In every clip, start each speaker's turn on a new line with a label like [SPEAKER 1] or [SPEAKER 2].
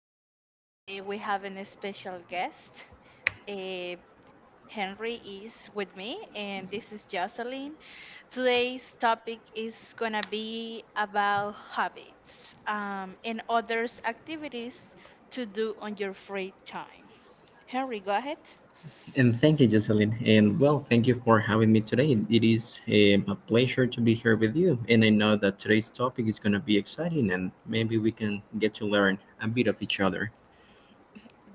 [SPEAKER 1] podcast. Today we have a special guest. Eh, Henry is with me, and this is Jocelyn. Today's topic is gonna be about habits and others activities to do on your free time. Henry, go ahead.
[SPEAKER 2] And thank you, Jocelyn. And well, thank you for having me today. It is a pleasure to be here with you. And I know that today's topic is going to be exciting and maybe we can get to learn a bit of each other.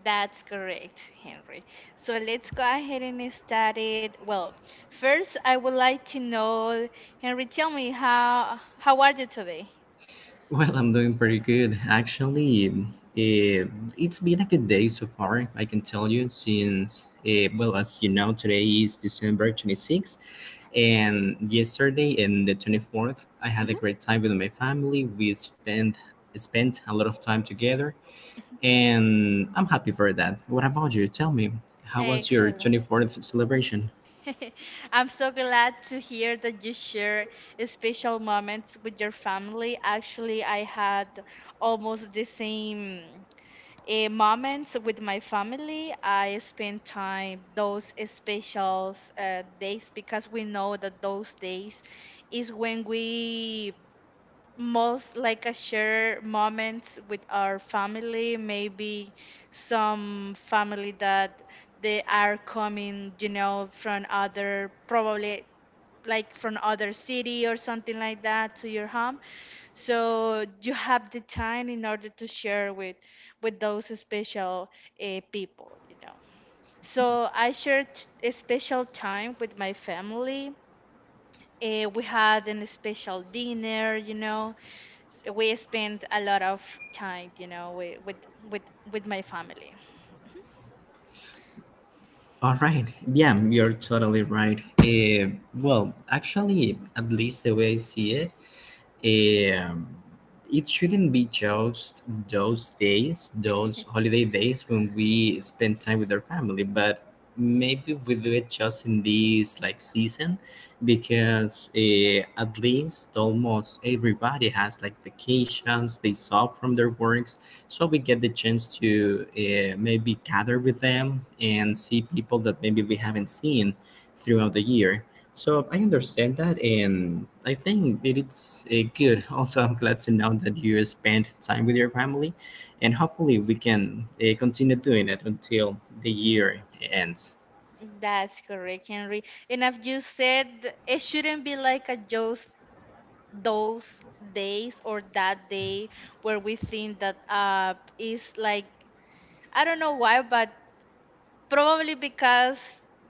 [SPEAKER 1] That's correct, Henry. So let's go ahead and start it. Well, first I would like to know, Henry, tell me how are you today?
[SPEAKER 2] Well, I'm doing pretty good. Actually, it's been a good day so far, I can tell you, since, well, as you know, today is December 26th. And yesterday and the 24th, I had a
[SPEAKER 1] Mhm.
[SPEAKER 2] great time with my family. We spent a lot of time together, and I'm happy for that. What about you? Tell me, how was your
[SPEAKER 1] Excellent.
[SPEAKER 2] 24th celebration?
[SPEAKER 1] I'm so glad to hear that you share special moments with your family. Actually, I had almost the same moments with my family. I spend time those special days because we know that those days is when we most like a share moments with our family, maybe some family that they are coming, you know, from other, probably like from other city or something like that to your home, so you have the time in order to share with those special people, you know, so I shared a special time with my family. We had an special dinner, you know. We spend a lot of time, you know, with with, with my family.
[SPEAKER 2] All right. Yeah, you're totally right. Well, actually, at least the way I see it, um it shouldn't be just those days, those holiday days when we spend time with our family, but maybe we do it just in this like season because at least almost everybody has like vacations, they stop from their works, so we get the chance to maybe gather with them and see people that maybe we haven't seen throughout the year. So I understand that, and I think it is good. Also, I'm glad to know that you spend time with your family, and hopefully, we can continue doing it until the year ends.
[SPEAKER 1] That's correct, Henry, and as you said, it shouldn't be like a just those days or that day where we think that is like, I don't know why, but probably because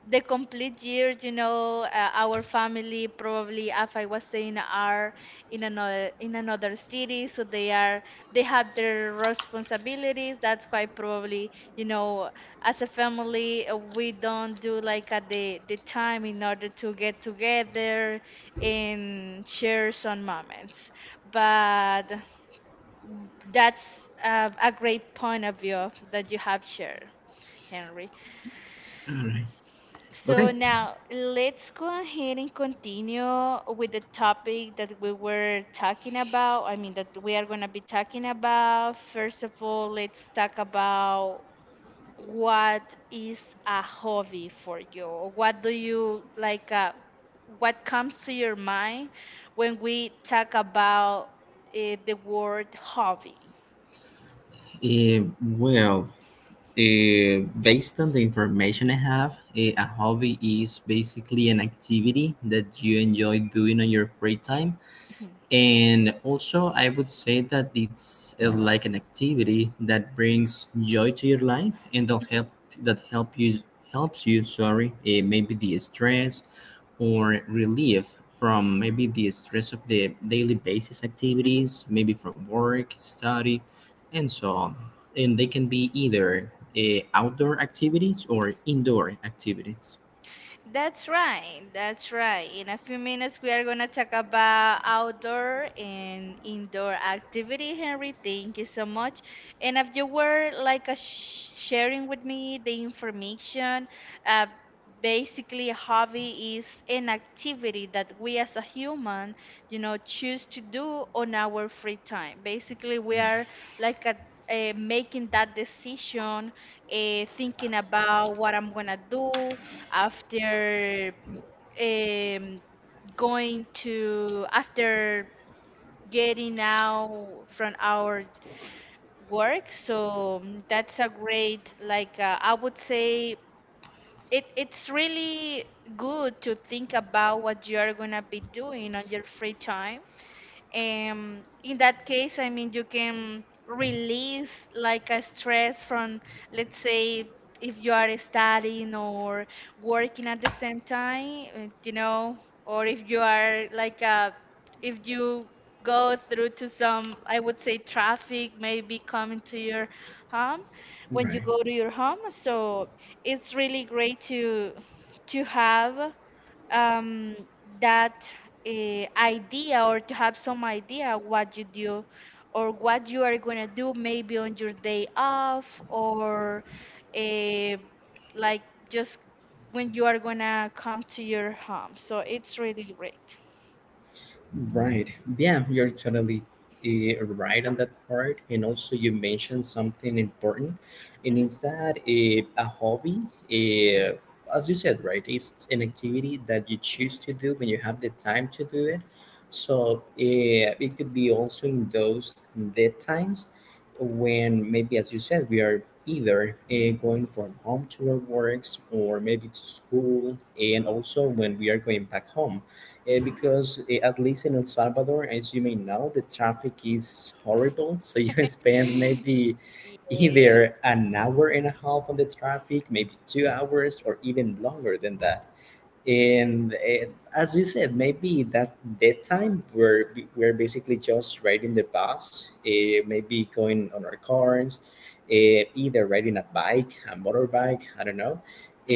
[SPEAKER 1] the complete year, you know, our family, probably, as I was saying, are in another city, so they have their responsibilities. That's why probably, you know, as a family, we don't do like at the time in order to get together and share some moments. But that's a great point of view that you have shared, Henry. So
[SPEAKER 2] Okay.
[SPEAKER 1] now let's go ahead and continue with the topic that we were talking about. I mean, that we are going to be talking about. First of all, let's talk about what is a hobby for you? What do you like? What comes to your mind when we talk about the word hobby?
[SPEAKER 2] Uh, well, Based on the information I have, a hobby is basically an activity that you enjoy doing on your free time, and also I would say that it's like an activity that brings joy to your life and that helps you. Sorry, maybe the stress or relief from maybe the stress of the daily basis activities, maybe from work, study, and so on. And they can be either outdoor activities or indoor activities.
[SPEAKER 1] That's right. That's right. In a few minutes, we are going to talk about outdoor and indoor activity. Henry, thank you so much. And if you were like a sharing with me the information, uh, basically, a hobby is an activity that we as a human, you know, choose to do on our free time. Basically, we are like a making that decision, thinking about what I'm gonna do, after um, going to after getting out from our work. So that's a great like I would say it's really good to think about what you are going to be doing on your free time. In that case, I mean, you can release like a stress from, let's say, if you are studying or working at the same time, you know, or if you are like a, if you go through to some, I would say, traffic maybe coming to your home when you
[SPEAKER 2] Right.
[SPEAKER 1] go to your home. So it's really great to have um, that idea or to have some idea what you do or what you are going to do maybe on your day off or uh, like just when you are going to come to your home. So it's really great.
[SPEAKER 2] Right. Yeah, you're totally right on that part. And also, you mentioned something important, and
[SPEAKER 1] Hmm.
[SPEAKER 2] it's that a hobby, eh, as you said, right, is an activity that you choose to do when you have the time to do it. So it could be also in those dead times when maybe, as you said, we are either going from home to our works, or maybe to school, and also when we are going back home,
[SPEAKER 1] Hmm.
[SPEAKER 2] because at least in El Salvador, as you may know, the traffic is horrible. So you can spend maybe
[SPEAKER 1] Yes.
[SPEAKER 2] either an hour and a half on the traffic, maybe 2 hours, or even longer than that. And as you said, maybe that time we're basically just riding the bus, maybe going on our cars, either riding a bike, a motorbike, I don't know.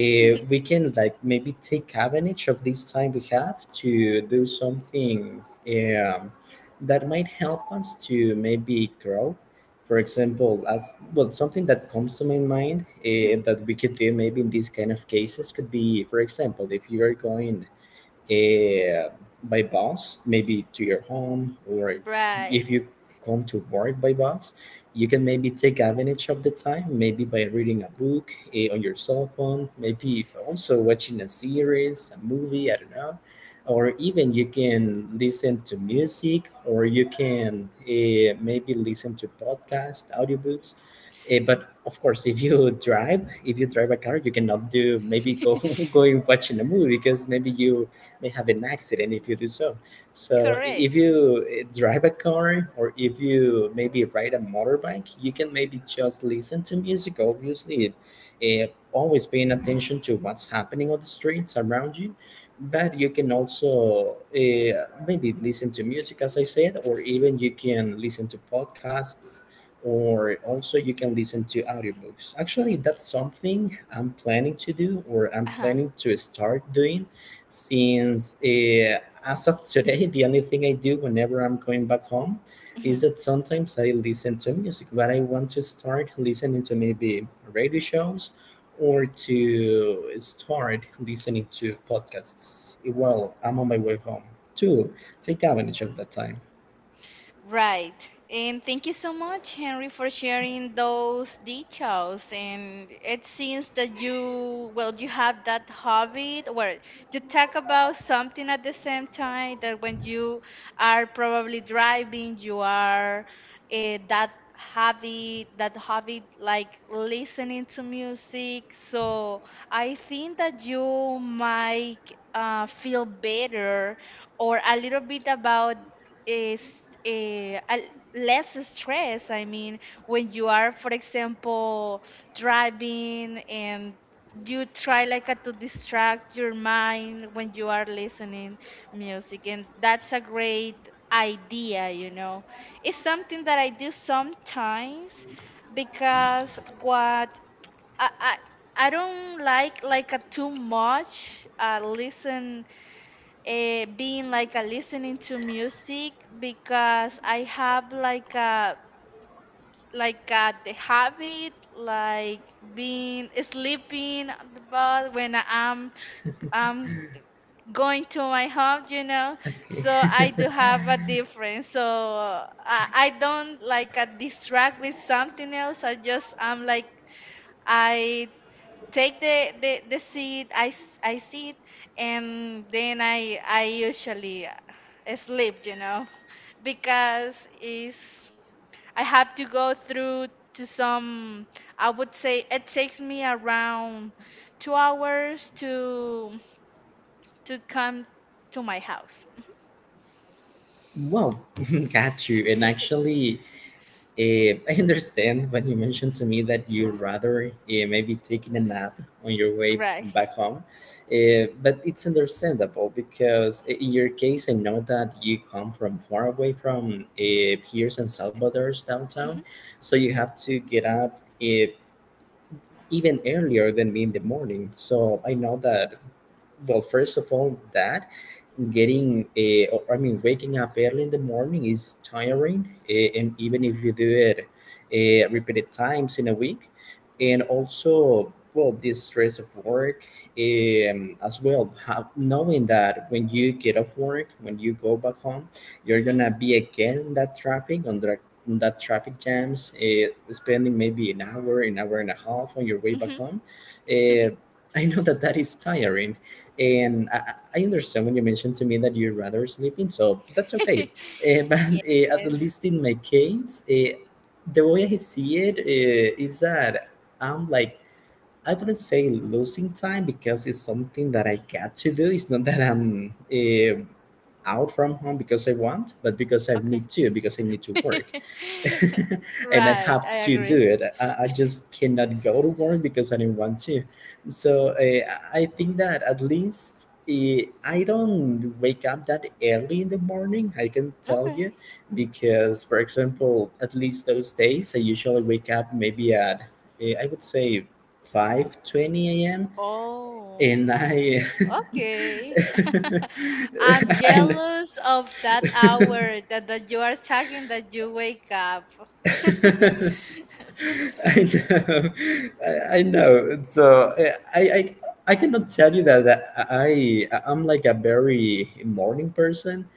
[SPEAKER 2] We can like maybe take advantage of this time we have to do something that might help us to maybe grow. For example, as well, something that comes to my mind
[SPEAKER 1] Hmm.
[SPEAKER 2] that we could do maybe in these kind of cases could be, for example, if you are going uh, by bus, maybe to your home, or
[SPEAKER 1] Right.
[SPEAKER 2] if you come to work by bus, you can maybe take advantage of the time, maybe by reading a book on your cell phone, maybe also watching a series, a movie, I don't know, or even you can listen to music, or you can maybe listen to podcasts, audiobooks. But of course, if you drive, if you drive a car, you cannot do maybe go going watching a movie because maybe you may have an accident if you do so. So if
[SPEAKER 1] Correct.
[SPEAKER 2] you drive a car or if you maybe ride a motorbike, you can maybe just listen to music. Obviously, always paying attention to what's happening on the streets around you, but you can also maybe listen to music, as I said, or even you can listen to podcasts, or also you can listen to audiobooks. Actually, that's something I'm planning to do, or I'm
[SPEAKER 1] Uh-huh.
[SPEAKER 2] planning to start doing since, as of today, the only thing I do whenever I'm going back home is
[SPEAKER 1] Mhm.
[SPEAKER 2] that sometimes I listen to music, but I want to start listening to maybe radio shows or to start listening to podcasts while I'm on my way home to take advantage of that time.
[SPEAKER 1] Right. And thank you so much, Henry, for sharing those details. And it seems that you, well, you have that habit where you talk about something at the same time that when you are probably driving, you are that habit like listening to music. So I think that you might feel better or a little bit about is eh, a, less stress. I mean, when you are, for example, driving and you try like to distract your mind when you are listening music, and that's a great idea. You know, it's something that I do sometimes because what I I, I don't like a too much listen being like a listening to music because I have like a the habit like being sleeping on the bus when I'm going to my home, you know. So
[SPEAKER 2] Okay.
[SPEAKER 1] I do have a difference. So I don't like a distract with something else. I just I'm like I take the seat. I sit, and then I usually sleep, you know, because is I have to go through to some, I would say, it takes me around 2 hours to come to my house.
[SPEAKER 2] Wow, got you. And actually, I understand when you mentioned to me that you'd rather maybe taking a nap on your way
[SPEAKER 1] Right.
[SPEAKER 2] back home. But it's understandable because in your case, I know that you come from far away from Pierce and Salvador's
[SPEAKER 1] Hmm.
[SPEAKER 2] downtown. So you have to get up even earlier than me in the morning. So I know that, well, first of all, that getting a, or I mean, waking up early in the morning is tiring, and even if you do it repeated times in a week. And also, well, this stress of work, as well, how, knowing that when you get off work, when you go back home, you're
[SPEAKER 1] Hmm.
[SPEAKER 2] gonna be again in that traffic, on that, in that traffic jams, spending maybe an hour, an hour and a half on your way back
[SPEAKER 1] Hmm.
[SPEAKER 2] home, uh, I know that that is tiring, and I understand when you mentioned to me that you're rather sleeping, so that's okay. But
[SPEAKER 1] Yes.
[SPEAKER 2] at least in my case, the way I see it is that I'm like, I wouldn't say losing time because it's something that I got to do. It's not that I'm out from home because I want, but because I
[SPEAKER 1] Okay.
[SPEAKER 2] need to, because I need to work. And I
[SPEAKER 1] Right,
[SPEAKER 2] have
[SPEAKER 1] I
[SPEAKER 2] to do
[SPEAKER 1] agree.
[SPEAKER 2] it. I just cannot go to work because I do not want to. So I think that at least I don't wake up that early in the morning, I can tell
[SPEAKER 1] Okay.
[SPEAKER 2] you, because, for example, at least those days, I usually wake up maybe at, I would say, 5:20 a.m.
[SPEAKER 1] Oh.
[SPEAKER 2] And I,
[SPEAKER 1] Okay. I'm
[SPEAKER 2] and
[SPEAKER 1] jealous of that hour that you are talking that you wake up.
[SPEAKER 2] I know, I know. So I cannot tell you that, that I, I'm like a very morning person,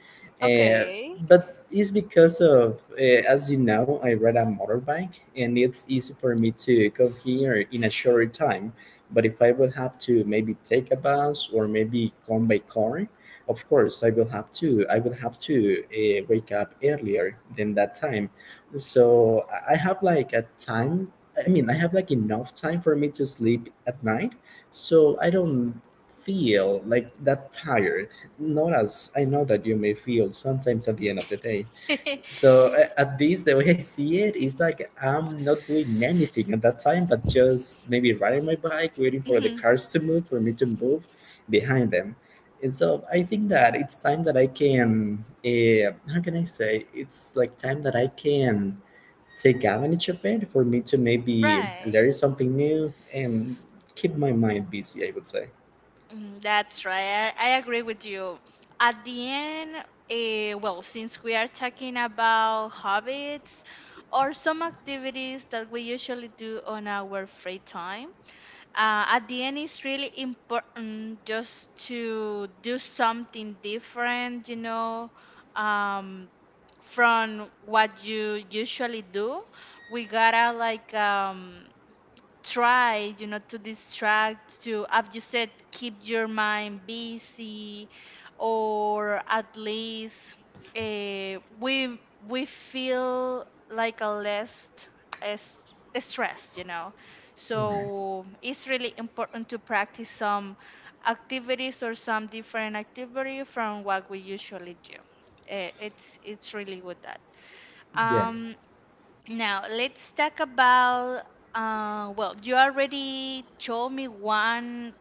[SPEAKER 2] uh,
[SPEAKER 1] Okay.
[SPEAKER 2] but it's because of, as you know, I ride a motorbike, and it's easy for me to come here in a shorter time. But if I will have to maybe take a bus or maybe come by car, of course I will have to. I will have to wake up earlier than that time, so I have like a time, I mean, I have like enough time for me to sleep at night, so I don't feel like that tired. Not as I know that you may feel sometimes at the end of the day. So at least the way I see it is like I'm not doing anything at that time, but just maybe riding my bike, waiting for the
[SPEAKER 1] Mhm.
[SPEAKER 2] cars to move, for me to move behind them. And so I think that it's time that I can, how can I say? It's like time that I can take advantage of it for me to maybe
[SPEAKER 1] Right.
[SPEAKER 2] learn something new and keep my mind busy, I would say.
[SPEAKER 1] Mm, that's right. I agree with you. At the end, well, since we are talking about hobbies or some activities that we usually do on our free time, at the end it's really important just to do something different, you know, um, from what you usually do. We gotta like try, you know, to distract to, as you said, keep your mind busy, or at least we feel like a less as stressed, you know.
[SPEAKER 2] Right.
[SPEAKER 1] So it's really important to practice some activities or some different activity from what we usually do. It's really good that
[SPEAKER 2] Yeah.
[SPEAKER 1] um now let's talk about. Well, you already told me one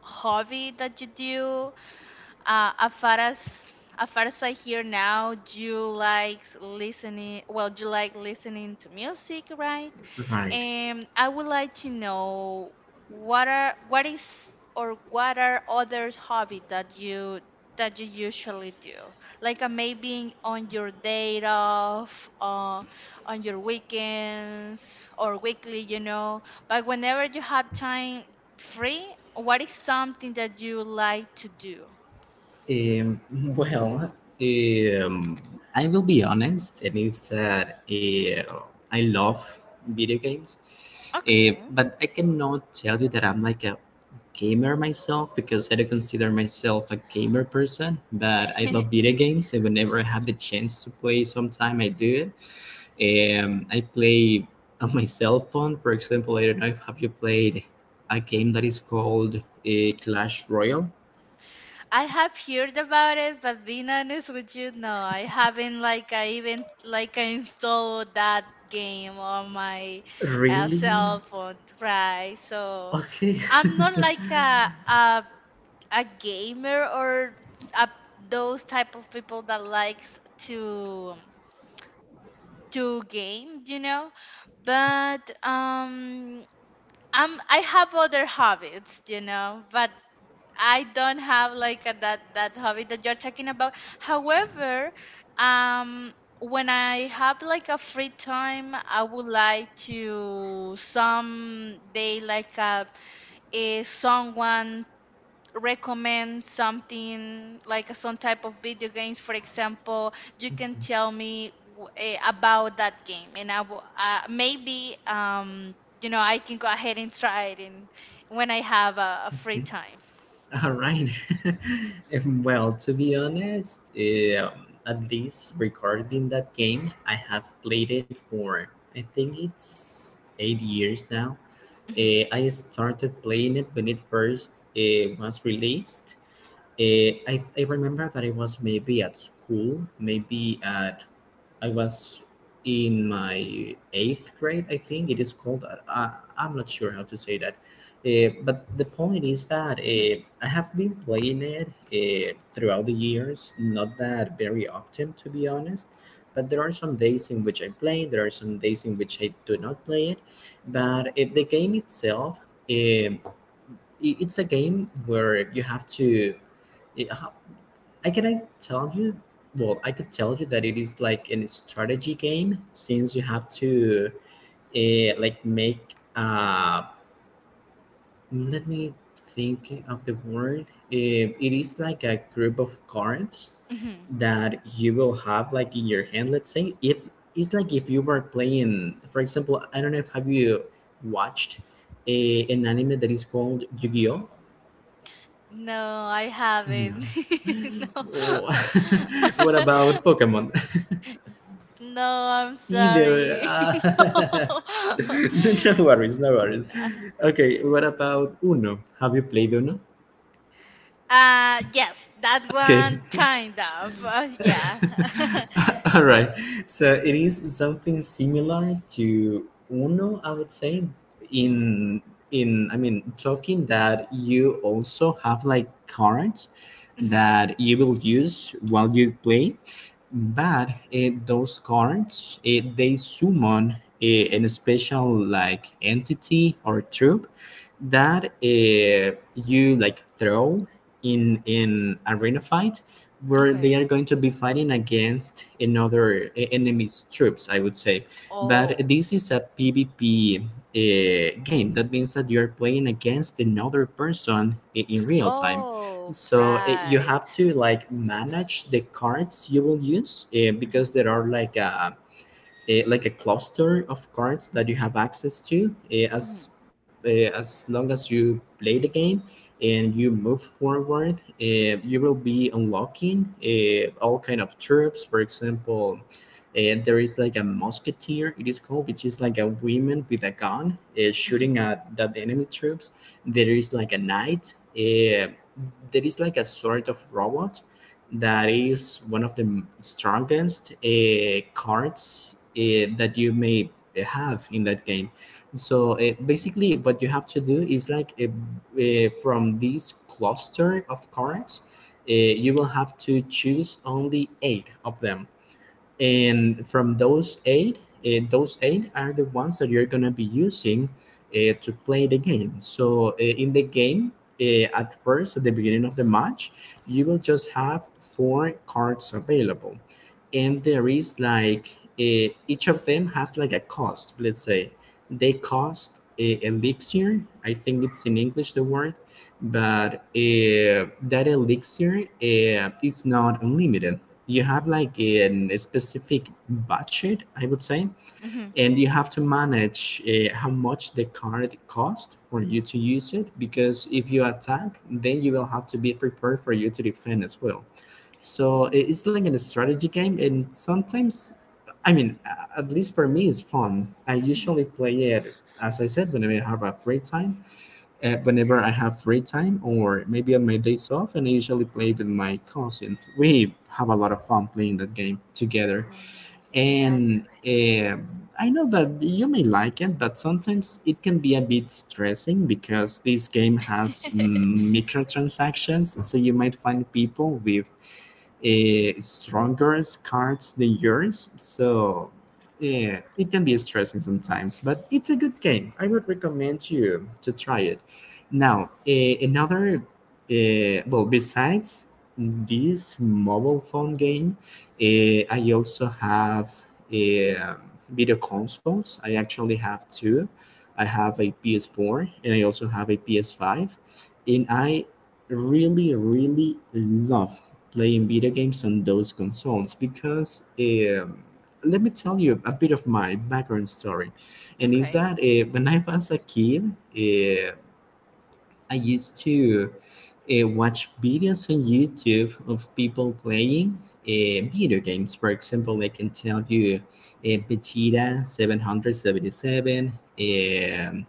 [SPEAKER 1] hobby that you do. As far as I hear now, you like listening. Well, you like listening to music, right?
[SPEAKER 2] Right.
[SPEAKER 1] And I would like to know what are what is or what are other hobbies that you usually do? Like maybe on your day off, on your weekends or weekly, you know. But whenever you have time free, what is something that you like to do?
[SPEAKER 2] Um, well, um, I will be honest, and is that I love video games,
[SPEAKER 1] Okay.
[SPEAKER 2] but I cannot tell you that I'm like a gamer myself because I don't consider myself a gamer person. But I love video games, and whenever I have the chance to play, sometime I do it. I play on my cell phone. For example, I don't know if have you played a game that is called Clash Royale.
[SPEAKER 1] I have heard about it, but being honest with you, no, I haven't like I even like I installed that game on my
[SPEAKER 2] Really?
[SPEAKER 1] cell phone, right? So
[SPEAKER 2] Okay.
[SPEAKER 1] I'm not like a gamer or a, those type of people that likes to game, you know. But I'm I have other hobbies, you know, but I don't have like that hobby that you're talking about. However, um, when I have like a free time, I would like to someday like someone recommend something like some type of video games. For example, you can tell me about that game, and I maybe you know, I can go ahead and try it in, when I have a free
[SPEAKER 2] Okay.
[SPEAKER 1] time.
[SPEAKER 2] All right. Well, to be honest, at least regarding that game, I have played it for I think it's 8 years now.
[SPEAKER 1] Mhm.
[SPEAKER 2] I started playing it when it first was released. I remember that I was maybe at school, maybe at, I was in my eighth grade, I think it is called. I'm not sure how to say that. But the point is that I have been playing it throughout the years, not that very often, to be honest. But there are some days in which I play, there are some days in which I do not play it. But the game itself, eh, it's a game where you have to I- how- I can I tell you, I could tell you that it is like a strategy game, since you have to like make let me think of the word It is like a group of cards
[SPEAKER 1] Mhm.
[SPEAKER 2] that you will have like in your hand, let's say. If It's like if you were playing, for example. I don't know if have you watched an anime that is called Yu-Gi-Oh?
[SPEAKER 1] No, I
[SPEAKER 2] No?
[SPEAKER 1] haven't. No.
[SPEAKER 2] Oh, what about Pokemon?
[SPEAKER 1] No, I'm
[SPEAKER 2] Either.
[SPEAKER 1] sorry.
[SPEAKER 2] No no worries, no worries.
[SPEAKER 1] No.
[SPEAKER 2] Okay, what about Uno? Have you played Uno?
[SPEAKER 1] Yes, that
[SPEAKER 2] Okay.
[SPEAKER 1] one kind of. Yeah.
[SPEAKER 2] All right. So it is something similar to Uno, I would say. In in I mean talking that you also have like cards
[SPEAKER 1] Mhm.
[SPEAKER 2] that you will use while you play. But those cards, they summon a an
[SPEAKER 1] Mhm.
[SPEAKER 2] special like entity or troop that you like throw in arena fight, where they
[SPEAKER 1] Okay.
[SPEAKER 2] are going to be fighting against another enemy's troops, I would say. But
[SPEAKER 1] Oh.
[SPEAKER 2] this is a PVP game. That means that you are playing against another person in real time.
[SPEAKER 1] Oh,
[SPEAKER 2] So it, you have
[SPEAKER 1] right.
[SPEAKER 2] to like manage the cards you will use, because
[SPEAKER 1] Mhm.
[SPEAKER 2] there are like like a cluster of cards that you have access to,
[SPEAKER 1] Mhm.
[SPEAKER 2] as as long as you play the game and you move forward. You will be unlocking, all kind of troops. For example, there is like a musketeer, it is called, which is like a woman with a gun,
[SPEAKER 1] Mhm.
[SPEAKER 2] shooting at the enemy troops. There is like a knight, there is like a sort of robot that is one of the strongest cards that you may have in that game. So basically, what you have to do is like from this cluster of cards, you will have to choose only eight of them, and from those eight, those eight are the ones that you're going to be using to play the game. So in the game, at first, at the beginning of the match, you will just have four cards available. And there is like each of them has like a cost, let's say. They cost elixir, I think it's in English the word. But that elixir is not unlimited. You have like a specific budget, I would say.
[SPEAKER 1] Mhm.
[SPEAKER 2] And you have to manage how much the card cost for you to use it, because if you attack, then you will have to be prepared for you to defend as well. So it's like a strategy game, and sometimes, I mean, at least for me, it's fun. I
[SPEAKER 1] Mhm.
[SPEAKER 2] usually play it, as I said, whenever I have a free time, whenever I have free time, or maybe on my days off. And I usually play with my cousin. We have a lot of fun playing that game together.
[SPEAKER 1] Mm, that's
[SPEAKER 2] And I know that you may like it, but sometimes it can be a bit stressing because this game has,
[SPEAKER 1] right.
[SPEAKER 2] mm, microtransactions. So you might find people with stronger cards than yours. So yeah, it can be stressing sometimes, but it's a good game. I would recommend you to try it. Now, another, well, besides this mobile phone game, I also have uh, video consoles. I actually have two. I have a PS4, and I also have a PS5. And I really, really love playing video games on those consoles because, let me tell you a bit of my background story. And is
[SPEAKER 1] Okay.
[SPEAKER 2] that when I was a kid, I used to watch videos on YouTube of people playing video games. For example, I can tell you Vegeta 777, um,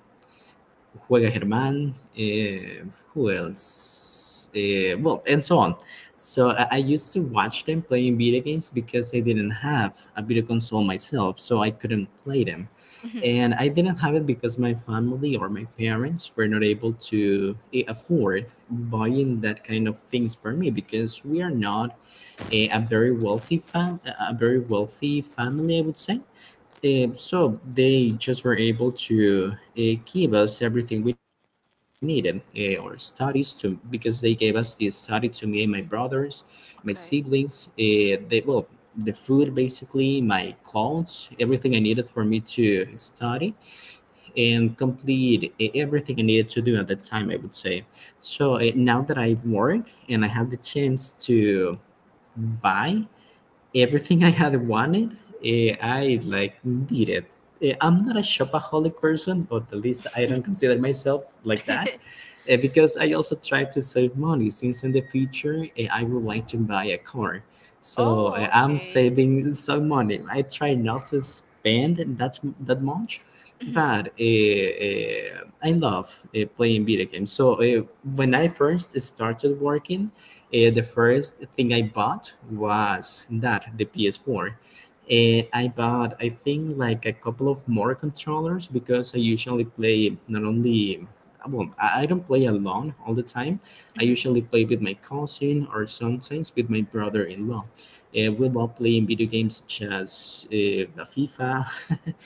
[SPEAKER 2] Juega Germán. Who else? Well, and so on. So I used to watch them playing video games because I didn't have a video console myself, so I couldn't play them.
[SPEAKER 1] Mhm.
[SPEAKER 2] And I didn't have it because my family or my parents were not able to afford buying that kind of things for me, because we are not a very wealthy a very wealthy family, I would say. So they just were able to give us everything we needed, our studies to, because they gave us the study to me and my brothers, my
[SPEAKER 1] Okay.
[SPEAKER 2] siblings. They well, the food basically, my clothes, everything I needed for me to study and complete, everything I needed to do at that time, I would say. So now that I work and I have the chance to buy everything I had wanted, I like needed. I'm not a shopaholic person, or at least I don't consider myself like that. Because I also try to save money, since in the future, I would like to buy a car. So
[SPEAKER 1] Oh,
[SPEAKER 2] I'm
[SPEAKER 1] okay.
[SPEAKER 2] saving some money. I try not to spend that much,
[SPEAKER 1] Mhm.
[SPEAKER 2] but I love playing video games. So when I first started working, the first thing I bought was that the PS4. And I bought, I think, like a couple of more controllers, because I usually play, not only well, I don't play alone all the time. I
[SPEAKER 1] Mhm.
[SPEAKER 2] usually play with my cousin, or sometimes with my brother-in-law. We love playing video games such as the FIFA.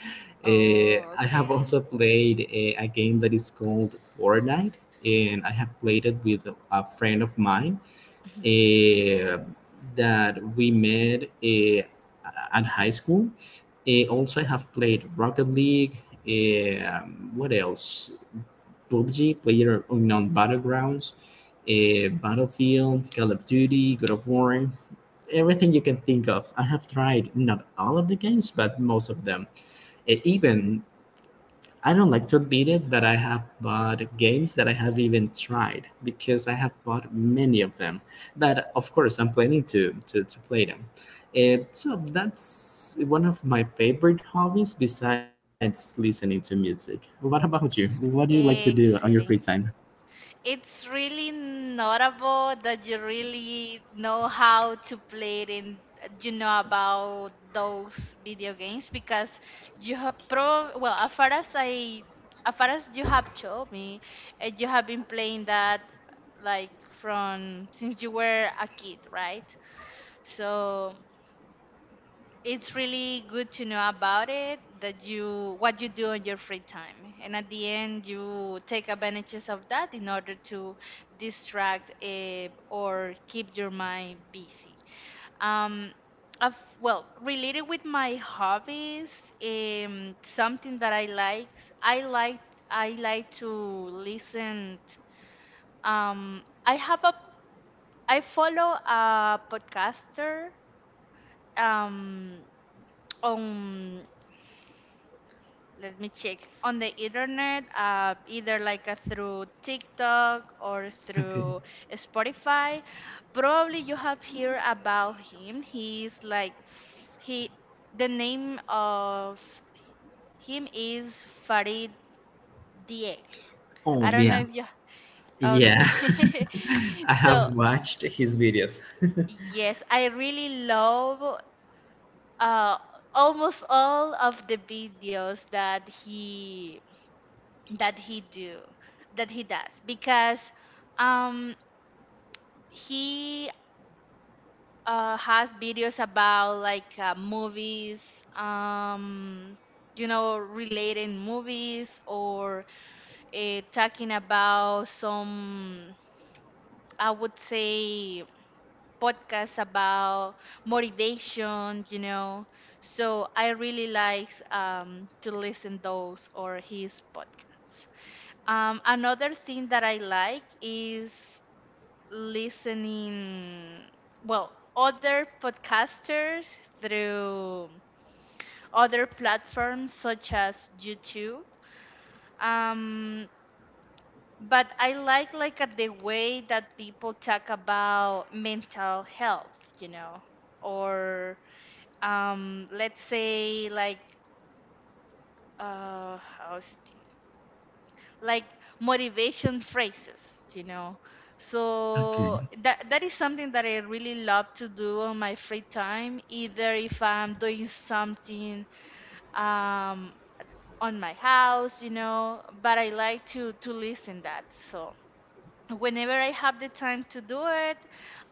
[SPEAKER 1] Oh,
[SPEAKER 2] I have
[SPEAKER 1] okay.
[SPEAKER 2] also played a game that is called Fortnite, and I have played it with a friend of mine
[SPEAKER 1] Mhm.
[SPEAKER 2] uh, that we met at high school. Also, I have played Rocket League. What else? PUBG, Player Unknown Battlegrounds, Battlefield, Call of Duty, God of War, everything you can think of. I have tried not all of the games, but most of them. Even I don't like to admit it, but I have bought games that I have even tried, because I have bought many of them. That of course I'm planning to play them. And so that's one of my favorite hobbies, besides listening to music. What about you? What do you like to do on your free
[SPEAKER 1] Excellent.
[SPEAKER 2] time?
[SPEAKER 1] It's really notable that you really know how to play it and you know about those video games because you have prob well, as far as as far as you have told me, you have been playing that like from since you were a kid, right? So it's really good to know about it that you what you do on your free time, and at the end you take advantages of that in order to distract or keep your mind busy. um of, well, related with my hobbies, something that I like, i like I like to listen. I have a I follow a podcaster um on, let me check on the internet, either like through TikTok or
[SPEAKER 2] Okay.
[SPEAKER 1] through Spotify. Probably you have heard about him. He's like he the name of him is Farid Diek. I
[SPEAKER 2] Oh
[SPEAKER 1] don't know
[SPEAKER 2] yeah,
[SPEAKER 1] if you. Okay.
[SPEAKER 2] yeah. I
[SPEAKER 1] So
[SPEAKER 2] have watched his videos.
[SPEAKER 1] yes, I really love uh, almost all of the videos that he do that he does because um he has videos about like movies, you know, related movies, or talking about some, I would say, podcasts about motivation, you know. So I really like to listen those or his podcasts. Another thing that I like is listening, well, other podcasters through other platforms such as YouTube. Um, but I like the way that people talk about mental health, you know, or let's say like how's like motivation phrases.
[SPEAKER 2] Okay.
[SPEAKER 1] So that is something that I really love to do on my free time, either if I'm doing something um on my house, but I like to listen that. So whenever I have the time to do it,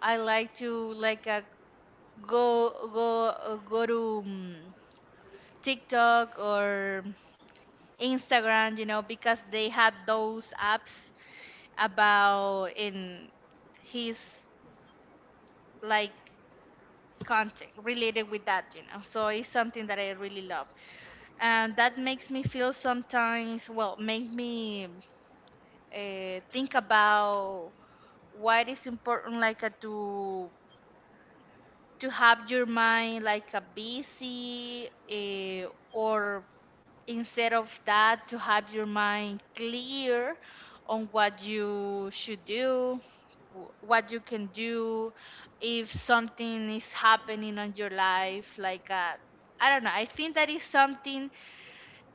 [SPEAKER 1] I like to like go to TikTok or Instagram, because they have those apps about in his like content related with that, so it's something that I really love. And that makes me feel sometimes well make me think about why it is important like to have your mind like a busy or, instead of that, to have your mind clear on what you should do, what you can do if something is happening on your life like I don't know. I think that is something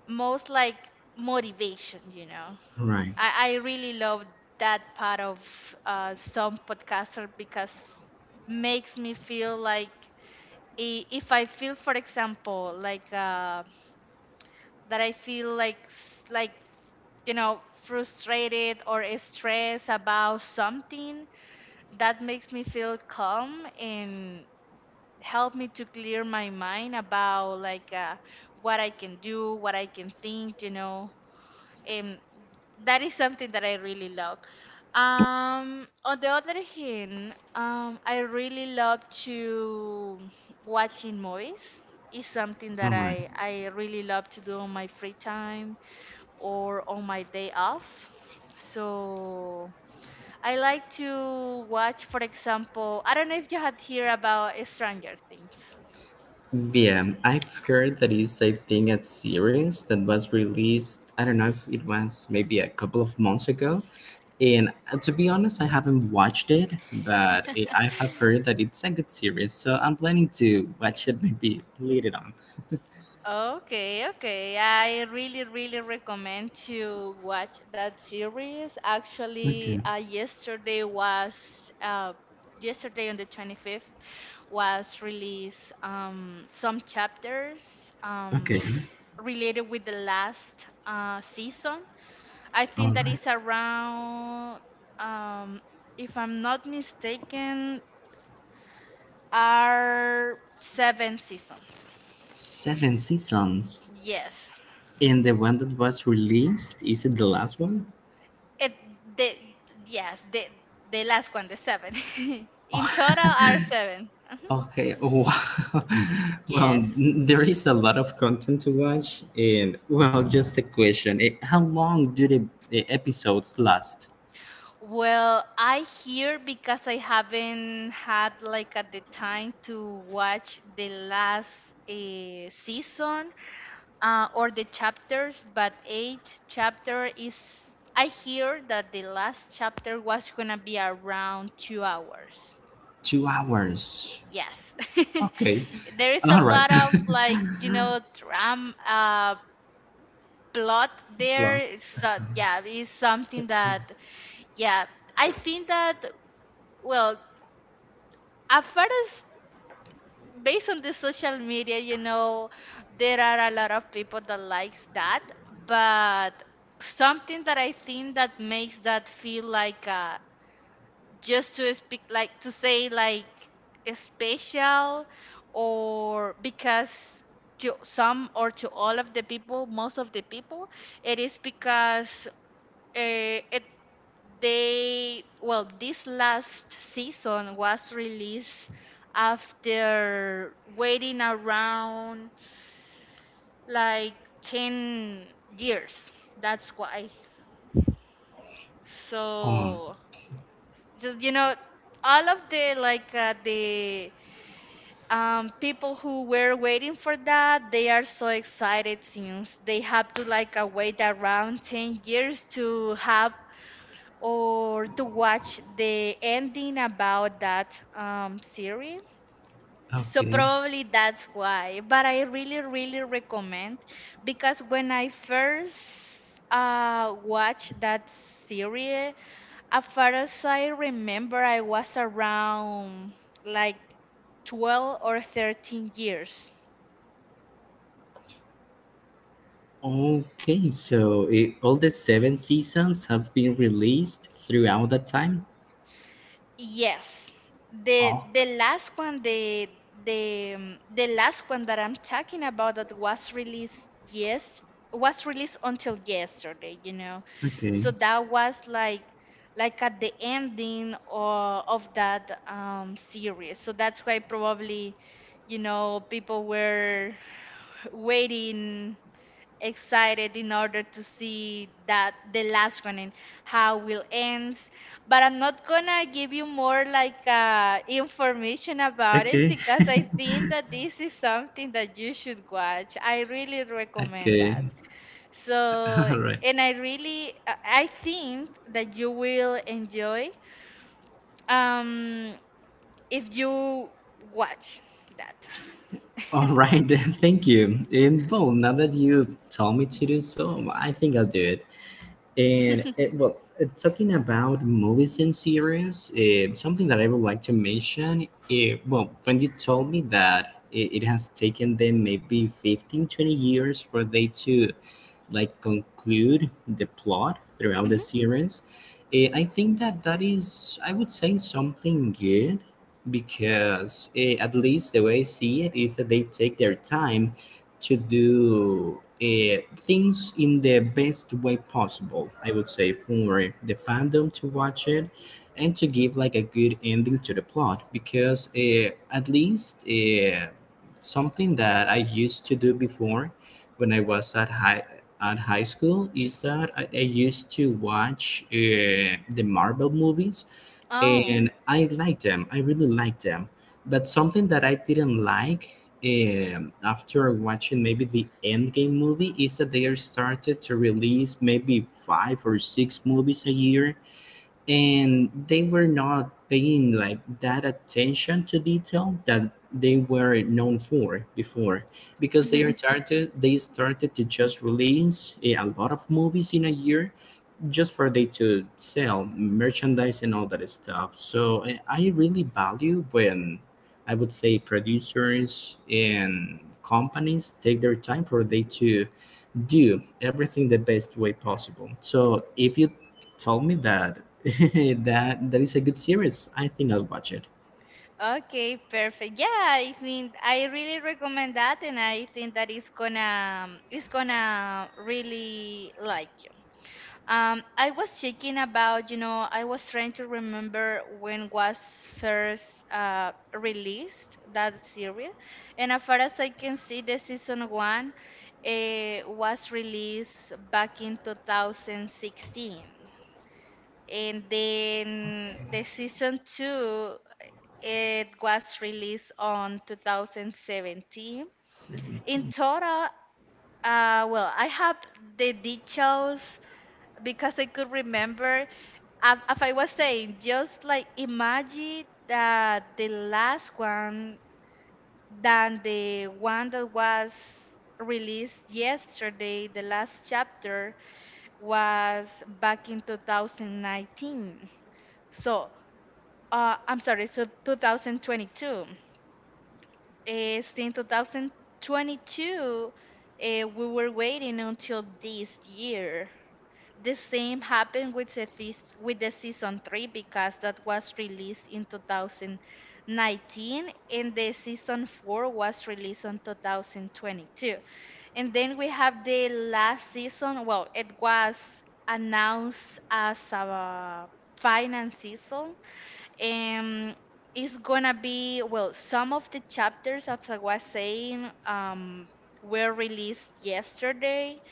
[SPEAKER 1] most like motivation.
[SPEAKER 2] All right.
[SPEAKER 1] I really love that part of some podcaster because makes me feel like if I feel, for example, like that I feel like like frustrated or stressed about something, that makes me feel calm and help me to clear my mind about like what I can do, what I can think. And that is something that I really love. On the other hand, I really love to watching movies. It's something
[SPEAKER 2] All
[SPEAKER 1] that
[SPEAKER 2] right.
[SPEAKER 1] I really love to do on my free time or on my day off. So I like to watch, for example, I don't know if you had heard about Stranger Things.
[SPEAKER 2] Yeah, I've heard that is, I think, a series that was released. I don't know if it was maybe a couple of months ago. And to be honest, I haven't watched it, but I have heard that it's a good series. So I'm planning to watch it maybe later on.
[SPEAKER 1] Okay, okay. I really, really recommend to watch that series. Actually,
[SPEAKER 2] Okay.
[SPEAKER 1] yesterday on the 25th was released some chapters
[SPEAKER 2] Okay.
[SPEAKER 1] related with the last season. I think
[SPEAKER 2] All
[SPEAKER 1] that
[SPEAKER 2] right.
[SPEAKER 1] is around, um, if I'm not mistaken, are seven seasons.
[SPEAKER 2] Seven seasons.
[SPEAKER 1] Yes.
[SPEAKER 2] And the one that was released, is it the last one?
[SPEAKER 1] It, the, yes, the last one, the seven. In total are seven. Mhm.
[SPEAKER 2] Okay, wow. well,
[SPEAKER 1] Yes.
[SPEAKER 2] there is a lot of content to watch, and well, just a question: How long do the episodes last?
[SPEAKER 1] Well, I hear because I haven't had like at the time to watch the last season or the chapters, but eight chapter is. I hear that the last chapter was gonna be around 2 hours.
[SPEAKER 2] 2 hours.
[SPEAKER 1] Yes,
[SPEAKER 2] Okay,
[SPEAKER 1] there is a
[SPEAKER 2] all right.
[SPEAKER 1] lot of like tram plot
[SPEAKER 2] Blah.
[SPEAKER 1] there. So yeah, it's something
[SPEAKER 2] Okay.
[SPEAKER 1] that. Yeah, I think that well, at first, based on the social media, there are a lot of people that likes that, but something that I think that makes that feel like just to speak, like to say like special, or because to some or to all of the people, most of the people, it is because. Uh, it this last season was released after waiting around like 10 years. That's why.
[SPEAKER 2] Oh,
[SPEAKER 1] So, just all of the like the people who were waiting for that, they are so excited since they have to like wait around 10 years to have, or to watch the ending about that series. So
[SPEAKER 2] okay.
[SPEAKER 1] probably that's why. But I really, really recommend because when I first watched that series, as far as I remember, I was around like 12 or 13 years.
[SPEAKER 2] Okay, so all the seven seasons have been released throughout that time.
[SPEAKER 1] Yes. The
[SPEAKER 2] Okay.
[SPEAKER 1] the last one, the last one that I'm talking about, that was released, yes, was released until yesterday. So
[SPEAKER 2] Okay.
[SPEAKER 1] that was like at the ending or of that series. So that's why probably, people were waiting, excited in order to see that the last one and how will ends. But I'm not gonna give you more like information about it,
[SPEAKER 2] Okay.
[SPEAKER 1] because I think that this is something that you should watch. I really recommend
[SPEAKER 2] Okay.
[SPEAKER 1] that. So,
[SPEAKER 2] All right.
[SPEAKER 1] and I really, I think that you will enjoy um if you watch that.
[SPEAKER 2] All right, then, thank you. And well, now that you tell me to do so, I think I'll do it. And it, well, talking about movies and series, something that I would like to mention, well, when you told me that it has taken them maybe 15, 20 years for they to like conclude the plot throughout the series, I think that that is, I would say, something good, because at least the way I see it is that they take their time to do, things in the best way possible. I would say for the fandom to watch it and to give like a good ending to the plot, because at least, something that I used to do before when I was at high school is that I used to watch the Marvel movies,
[SPEAKER 1] Mhm.
[SPEAKER 2] and I liked them. I really liked them. But something that I didn't like, after watching maybe the Endgame movie is that they are started to release maybe five or six movies a year, and they were not paying like that attention to detail that they were known for before, because
[SPEAKER 1] Oh,
[SPEAKER 2] they started to just release, a lot of movies in a year, just for they to sell merchandise and all that stuff. So I really value when, I would say, producers and companies take their time for they to do everything the best way possible. So if you told me that that that is a good series, I think I'll watch it.
[SPEAKER 1] okay, perfect. Yeah, I think I really recommend that, and I think that it's gonna really like you. I was checking about, I was trying to remember when was first released that series, and as far as I can see, the season one was released back in 2016, and then the season two. It was released on 2017. In
[SPEAKER 2] 17.
[SPEAKER 1] total, well, I have the details because I could remember. As I was saying, just like imagine that the last one than the one that was released yesterday, the last chapter was back in 2019. So, I'm sorry, so 2022. Since 2022, uh, we were waiting until this year. The same happened with with the season 3, because that was released in 2019, and the season 4 was released on 2022. And then we have the last season. Well, it was announced as a final season. um, it's gonna be well, some of the chapters, as I was saying, were released yesterday,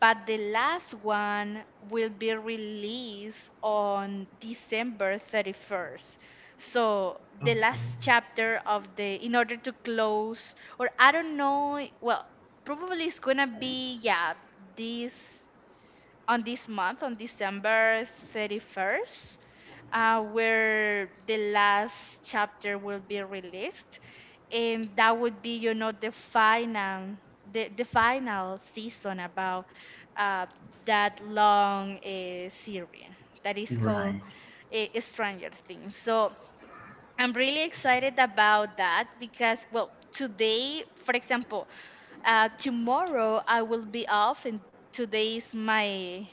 [SPEAKER 1] but the last one will be released on December 31st. So the
[SPEAKER 2] Okay.
[SPEAKER 1] last chapter of the, in order to close, or I don't know, well, probably it's gonna be, yeah, this on this month, on December 31st, where the last chapter will be released. And that would be, the final season about uh, that long series that is called
[SPEAKER 2] Right.
[SPEAKER 1] Stranger Things. So I'm really excited about that because, well, today, for example, tomorrow I will be off, and today is my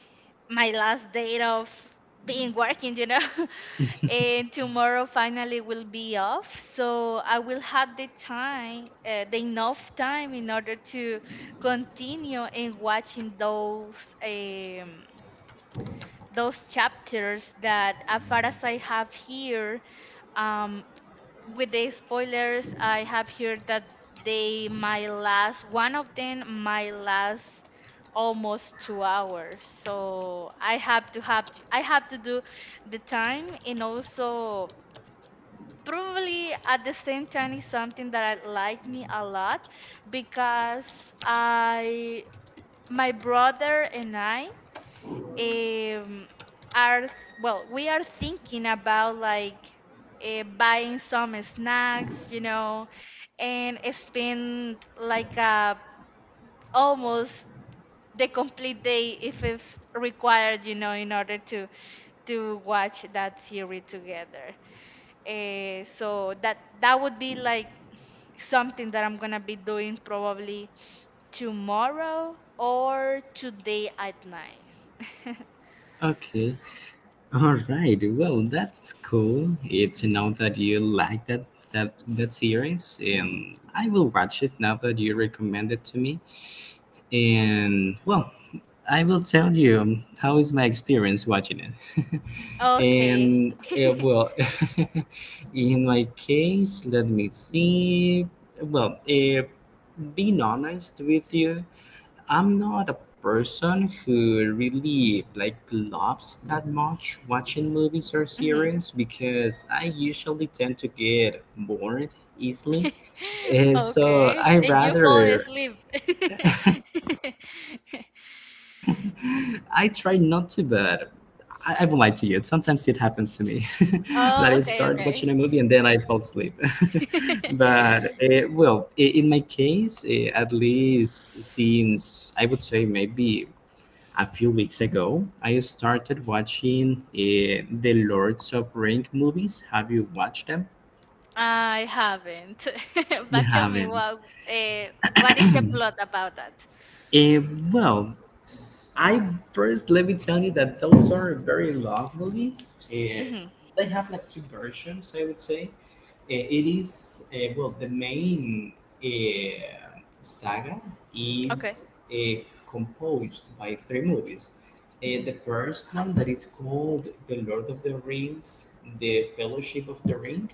[SPEAKER 1] my last day of being working. And tomorrow finally will be off, so I will have the time, the enough time in order to continue in watching those chapters that, as far as I have here. um, with the spoilers, I have heard that they my last one of them my last almost 2 hours. So I have to do the time, and also probably at the same time is something that I like me a lot because I my brother and I um, are well, we are thinking about like buying some snacks, and spend like almost the complete day if required, in order to watch that series together, so that would be like something that I'm gonna be doing probably tomorrow or today at night.
[SPEAKER 2] Okay. All right. Well, that's cool. It's to know that you like that series, and I will watch it now that you recommend it to me. And well, I will tell you how is my experience watching it.
[SPEAKER 1] Okay.
[SPEAKER 2] And well, in my case, let me see. Well, being honest with you, I'm not a person who really like loves that much watching movies or series, because I usually tend to get bored easily. And so
[SPEAKER 1] Okay.
[SPEAKER 2] I
[SPEAKER 1] And you fall
[SPEAKER 2] rather
[SPEAKER 1] asleep.
[SPEAKER 2] I try not to, but I won't lie to you. Sometimes it happens to me that I start watching a
[SPEAKER 1] Oh,
[SPEAKER 2] movie and
[SPEAKER 1] okay,
[SPEAKER 2] then I
[SPEAKER 1] okay.
[SPEAKER 2] fall asleep. but eh, well, I- in my case, at least since I would say maybe a few weeks ago, I started watching the Lords of Ring movies. Have you watched them?
[SPEAKER 1] I haven't.
[SPEAKER 2] You
[SPEAKER 1] But tell me
[SPEAKER 2] haven't.
[SPEAKER 1] what is the plot about that?
[SPEAKER 2] Eh, well, I first let me tell you that those are very long movies.
[SPEAKER 1] Hmm.
[SPEAKER 2] They have like two versions, I would say. It is well the main saga
[SPEAKER 1] Okay.
[SPEAKER 2] is composed by three movies. The
[SPEAKER 1] Hmm.
[SPEAKER 2] first one that is called The Lord of the Rings, The Fellowship of the Ring,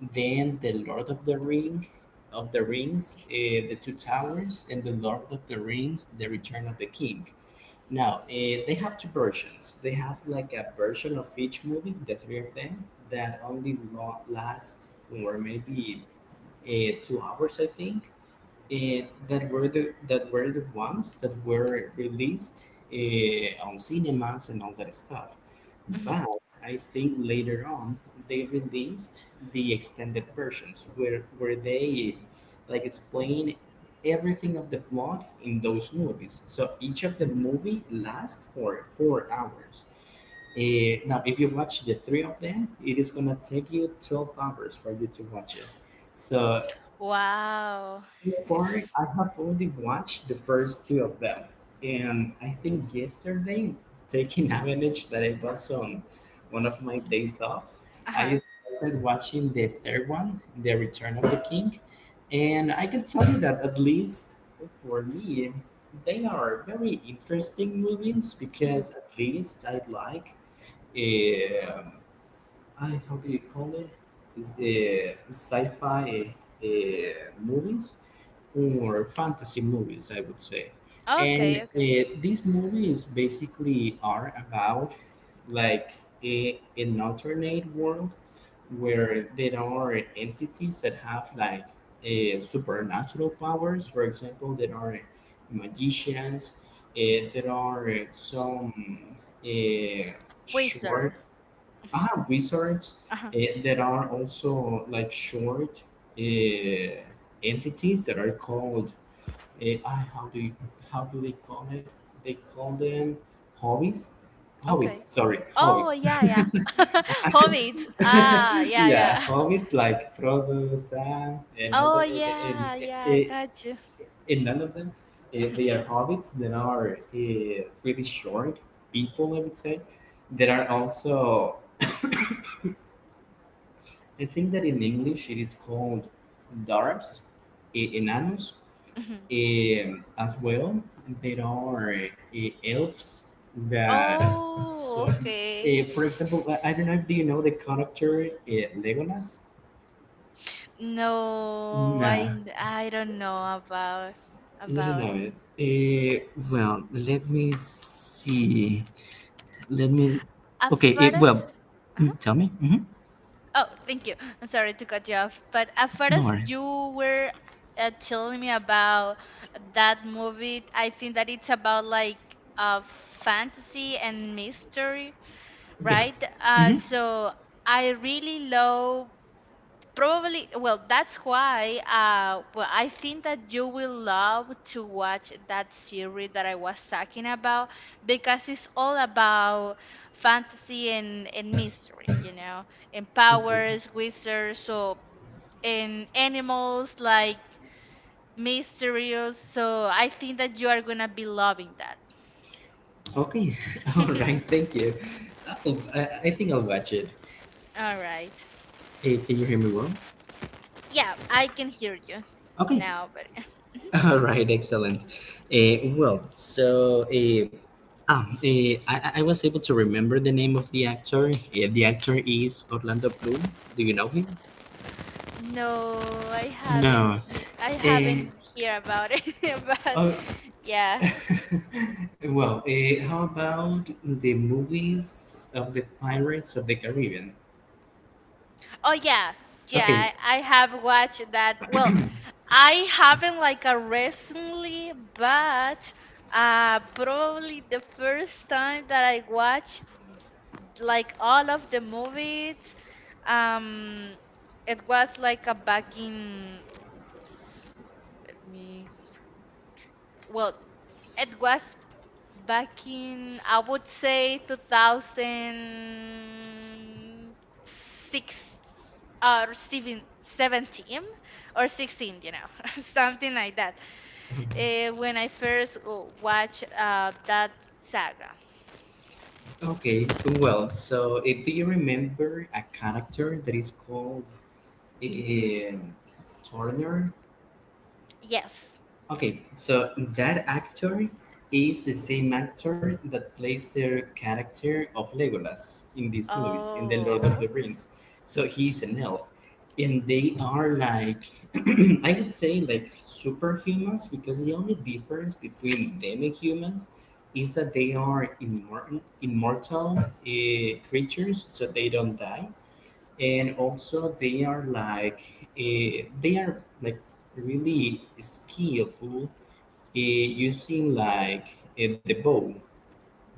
[SPEAKER 2] then The Lord of the Rings, The Two Towers, and The Lord of the Rings, The Return of the King. Now, they have two versions. They have like a version of each movie, the three of them, that only last or maybe 2 hours, I think, that were the ones that were released on cinemas and all that stuff.
[SPEAKER 1] Hmm.
[SPEAKER 2] But I think later on they released the extended versions where they like explain everything of the plot in those movies. So each of the movie lasts for 4 hours. Now, if you watch the three of them, it is gonna take you 12 hours for you to watch it. So
[SPEAKER 1] Wow.
[SPEAKER 2] so far,
[SPEAKER 1] It's
[SPEAKER 2] I have only watched the first two of them, and I think yesterday, taking advantage that it was on one of my days off, I
[SPEAKER 1] uh-huh.
[SPEAKER 2] started watching the third one, The Return of the King, and I can tell you that at least for me, they are very interesting movies
[SPEAKER 1] Hmm.
[SPEAKER 2] because at least I like, um, I how do you call it? Is sci-fi movies or fantasy movies, I would say. And
[SPEAKER 1] Okay, okay.
[SPEAKER 2] these movies basically are about like an alternate world where there are entities that have like supernatural powers. For example, there are magicians. There are some uh, short
[SPEAKER 1] Wizard. Hmm.
[SPEAKER 2] I have wizards
[SPEAKER 1] Uh-huh.
[SPEAKER 2] that are also like short uh, entities that are called uh, I- how do you, how do they call it? They call them hobbies.
[SPEAKER 1] Okay.
[SPEAKER 2] Hobbits, sorry,
[SPEAKER 1] Oh,
[SPEAKER 2] hobbits.
[SPEAKER 1] yeah, yeah. Hobbit. Ah, yeah,
[SPEAKER 2] Yeah,
[SPEAKER 1] yeah.
[SPEAKER 2] hobbits like Frodo, Sam, and other,
[SPEAKER 1] Oh,
[SPEAKER 2] and
[SPEAKER 1] yeah, yeah,
[SPEAKER 2] eh,
[SPEAKER 1] I
[SPEAKER 2] eh,
[SPEAKER 1] got you.
[SPEAKER 2] and none of them. They are hobbits that are really short people, I would say. That are also I think that in English it is called dwarfs, enanos,
[SPEAKER 1] Mhm.
[SPEAKER 2] as well. There are elves that
[SPEAKER 1] Oh,
[SPEAKER 2] so.
[SPEAKER 1] okay.
[SPEAKER 2] For example, I don't know if do you know the character Legolas.
[SPEAKER 1] No,
[SPEAKER 2] No,
[SPEAKER 1] I don't know about
[SPEAKER 2] you don't
[SPEAKER 1] about
[SPEAKER 2] know
[SPEAKER 1] it.
[SPEAKER 2] it. Well, let me see. Let me.
[SPEAKER 1] As
[SPEAKER 2] Okay.
[SPEAKER 1] far as
[SPEAKER 2] Well,
[SPEAKER 1] uh-huh.
[SPEAKER 2] tell me. Hmm.
[SPEAKER 1] Oh, thank you. I'm sorry to cut you off, but as far
[SPEAKER 2] No
[SPEAKER 1] as
[SPEAKER 2] worries.
[SPEAKER 1] you were telling me about that movie, I think that it's about like uh fantasy and mystery,
[SPEAKER 2] Yeah.
[SPEAKER 1] right? Uh,
[SPEAKER 2] Hmm.
[SPEAKER 1] so I really love. Probably, well, that's why, well, I think that you will love to watch that series that I was talking about because it's all about fantasy and mystery, and
[SPEAKER 2] Okay.
[SPEAKER 1] powers, wizards, so and animals like mysterious. So I think that you are gonna be loving that.
[SPEAKER 2] Okay. All right. Thank you. I think I'll watch it.
[SPEAKER 1] All right.
[SPEAKER 2] Can you hear me well?
[SPEAKER 1] Yeah, I can hear you
[SPEAKER 2] Okay.
[SPEAKER 1] now, but
[SPEAKER 2] All right. Excellent. So I I was able to remember the name of the actor. Eh, the actor is Orlando Bloom. Do you know him?
[SPEAKER 1] no, I haven't.
[SPEAKER 2] No.
[SPEAKER 1] I
[SPEAKER 2] Eh,
[SPEAKER 1] haven't hear about it. But
[SPEAKER 2] oh,
[SPEAKER 1] yeah.
[SPEAKER 2] how about the movies of the Pirates of the Caribbean?
[SPEAKER 1] Oh, yeah, yeah.
[SPEAKER 2] Okay.
[SPEAKER 1] I have watched that. Well, I haven't like a recently, but probably the first time that I watched like all of the movies, um, it was like a back in. Let me. Well, it was back in, I would say, 2006 or 7 17 or 16, something like that,
[SPEAKER 2] Um,
[SPEAKER 1] when I first watched that saga.
[SPEAKER 2] Okay, well, so if do you remember a character that is called um, Turner?
[SPEAKER 1] Yes.
[SPEAKER 2] Okay, so that actor is the same actor that plays the character of Legolas in these movies, in the Lord of the
[SPEAKER 1] Oh, okay.
[SPEAKER 2] Rings. So he's an elf. And they are like, I would say, like superhumans, because the only difference between them and humans is that they are immortal creatures, so they don't die and also they are like really skillful using like the bow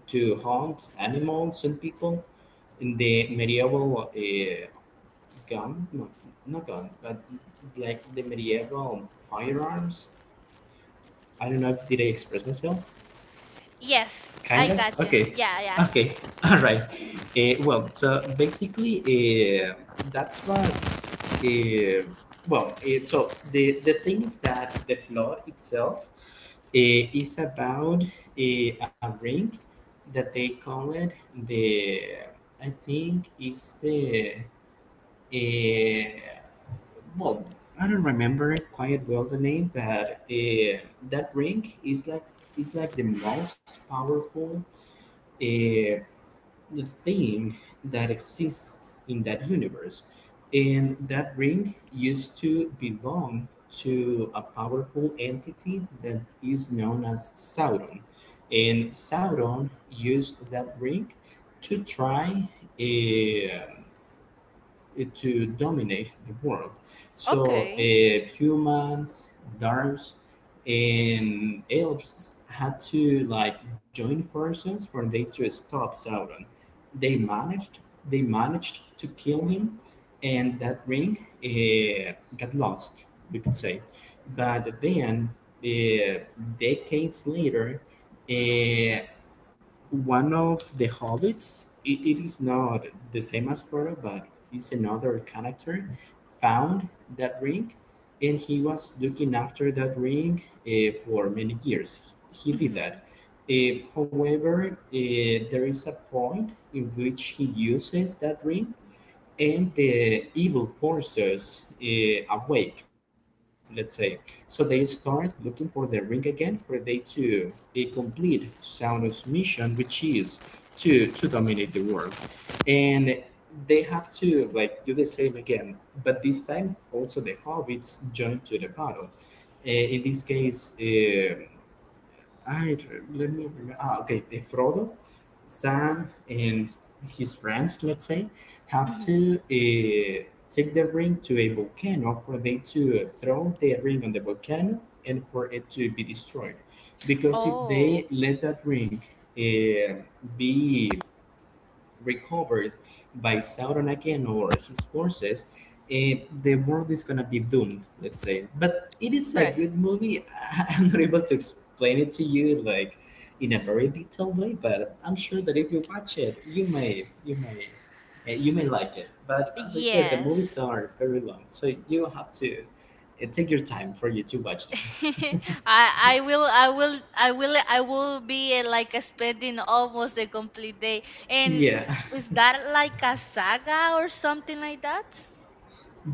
[SPEAKER 2] to hunt animals and people in the medieval gun no not gun but like the medieval firearms. I don't know if did I express myself.
[SPEAKER 1] Yes, I
[SPEAKER 2] Kinda?
[SPEAKER 1] got you.
[SPEAKER 2] Okay.
[SPEAKER 1] Yeah, yeah.
[SPEAKER 2] Okay. All right. So basically, uh, that's what. Uh, so the thing is that the plot itself is about a ring that they call it the. I think is the. Uh, well, I don't remember quite well the name, but that ring is like the most powerful a thing that exists in that universe. And that ring used to belong to a powerful entity that is known as Sauron. And Sauron used that ring to try eh, it to dominate the world. So
[SPEAKER 1] Okay.
[SPEAKER 2] humans, dwarves, and elves had to like join forces for they to stop Sauron. They managed. They managed to kill him, and that ring got lost. We could say, but then uh, decades later, uh, one of the hobbits. It is not the same as Frodo, but it's another character found that ring, and he was looking after that ring for many years. He did
[SPEAKER 1] Hmm.
[SPEAKER 2] that. However, there is a point in which he uses that ring and the evil forces awake, let's say. So they start looking for the ring again, for they to a complete Sauron's mission, which is to dominate the world, and they have to like do the same again. But this time, also the hobbits join to the battle. In this case. Let me remember. Ah, okay. If Frodo, Sam, and his friends, let's say, have to
[SPEAKER 1] Hmm.
[SPEAKER 2] take the ring to a volcano for them to throw the ring on the volcano and for it to be destroyed. Because if
[SPEAKER 1] Oh,
[SPEAKER 2] they let that ring uh, be recovered by Sauron again or his forces, the world is gonna be doomed, let's say. But it is a
[SPEAKER 1] right.
[SPEAKER 2] good movie. I'm not able to explain it to you like in a very detailed way, but I'm sure that if you watch it, you may like it. But as I said, the movies
[SPEAKER 1] Yes.
[SPEAKER 2] are very long, so you have to take your time for you to watch them.
[SPEAKER 1] I I will I will I will I will be like spending almost the complete day. And
[SPEAKER 2] Yeah.
[SPEAKER 1] is that like a saga or something like that?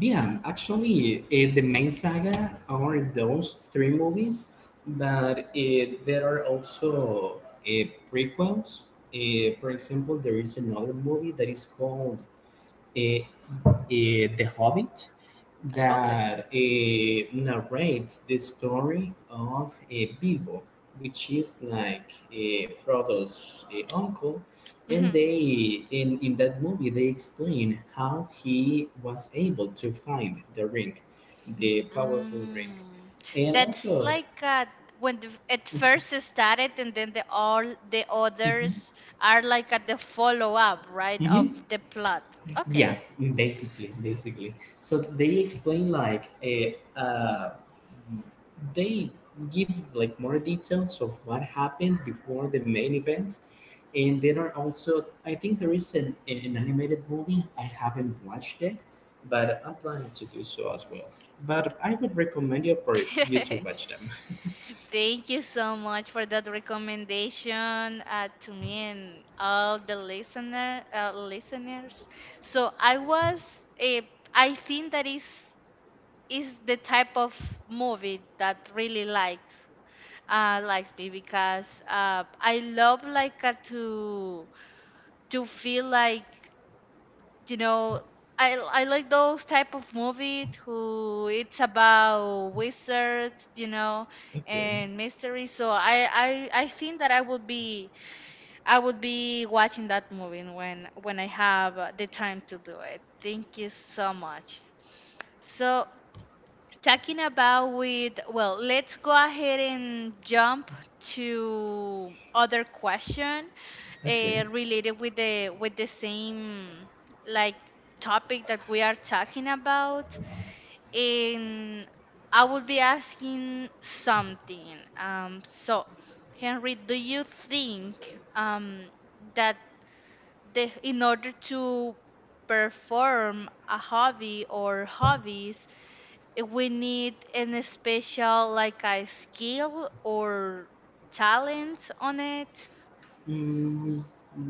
[SPEAKER 2] Yeah, actually, the main saga are those three movies, but there are also prequels. For example, there is another movie that is called eh, The Hobbit that narrates the story of Bilbo, which is like Frodo's uncle, and
[SPEAKER 1] Mhm.
[SPEAKER 2] they in that movie they explain how he was able to find the ring, the powerful ring,
[SPEAKER 1] Mm.
[SPEAKER 2] and
[SPEAKER 1] That's
[SPEAKER 2] also
[SPEAKER 1] like when it first started, and then the all the
[SPEAKER 2] mhm,
[SPEAKER 1] others are like at the follow up, right, of
[SPEAKER 2] mhm.
[SPEAKER 1] the plot. Okay.
[SPEAKER 2] Yeah, basically, basically. So they explain like a, they give like more details of what happened before the main events, and there are also I think there is an animated movie. I haven't watched it, but I'm planning to do so as well. But I would recommend you for you to watch them.
[SPEAKER 1] Thank you so much for that recommendation to me and all the listeners. So eh, I think that is the type of movie that really likes likes me because I love like to feel like you know I like those type of movie who it's about wizards, you know,
[SPEAKER 2] Okay,
[SPEAKER 1] and mystery. So I think that I would be watching that movie when I have the time to do it. Thank you so much. So talking about with, well, let's go ahead and jump to other question
[SPEAKER 2] okay.
[SPEAKER 1] related with the same like topic that we are talking about. And I will be asking something, so Henry, do you think that the in order to perform a hobby or hobbies, we need any special like a skill or talent on it?
[SPEAKER 2] Mm,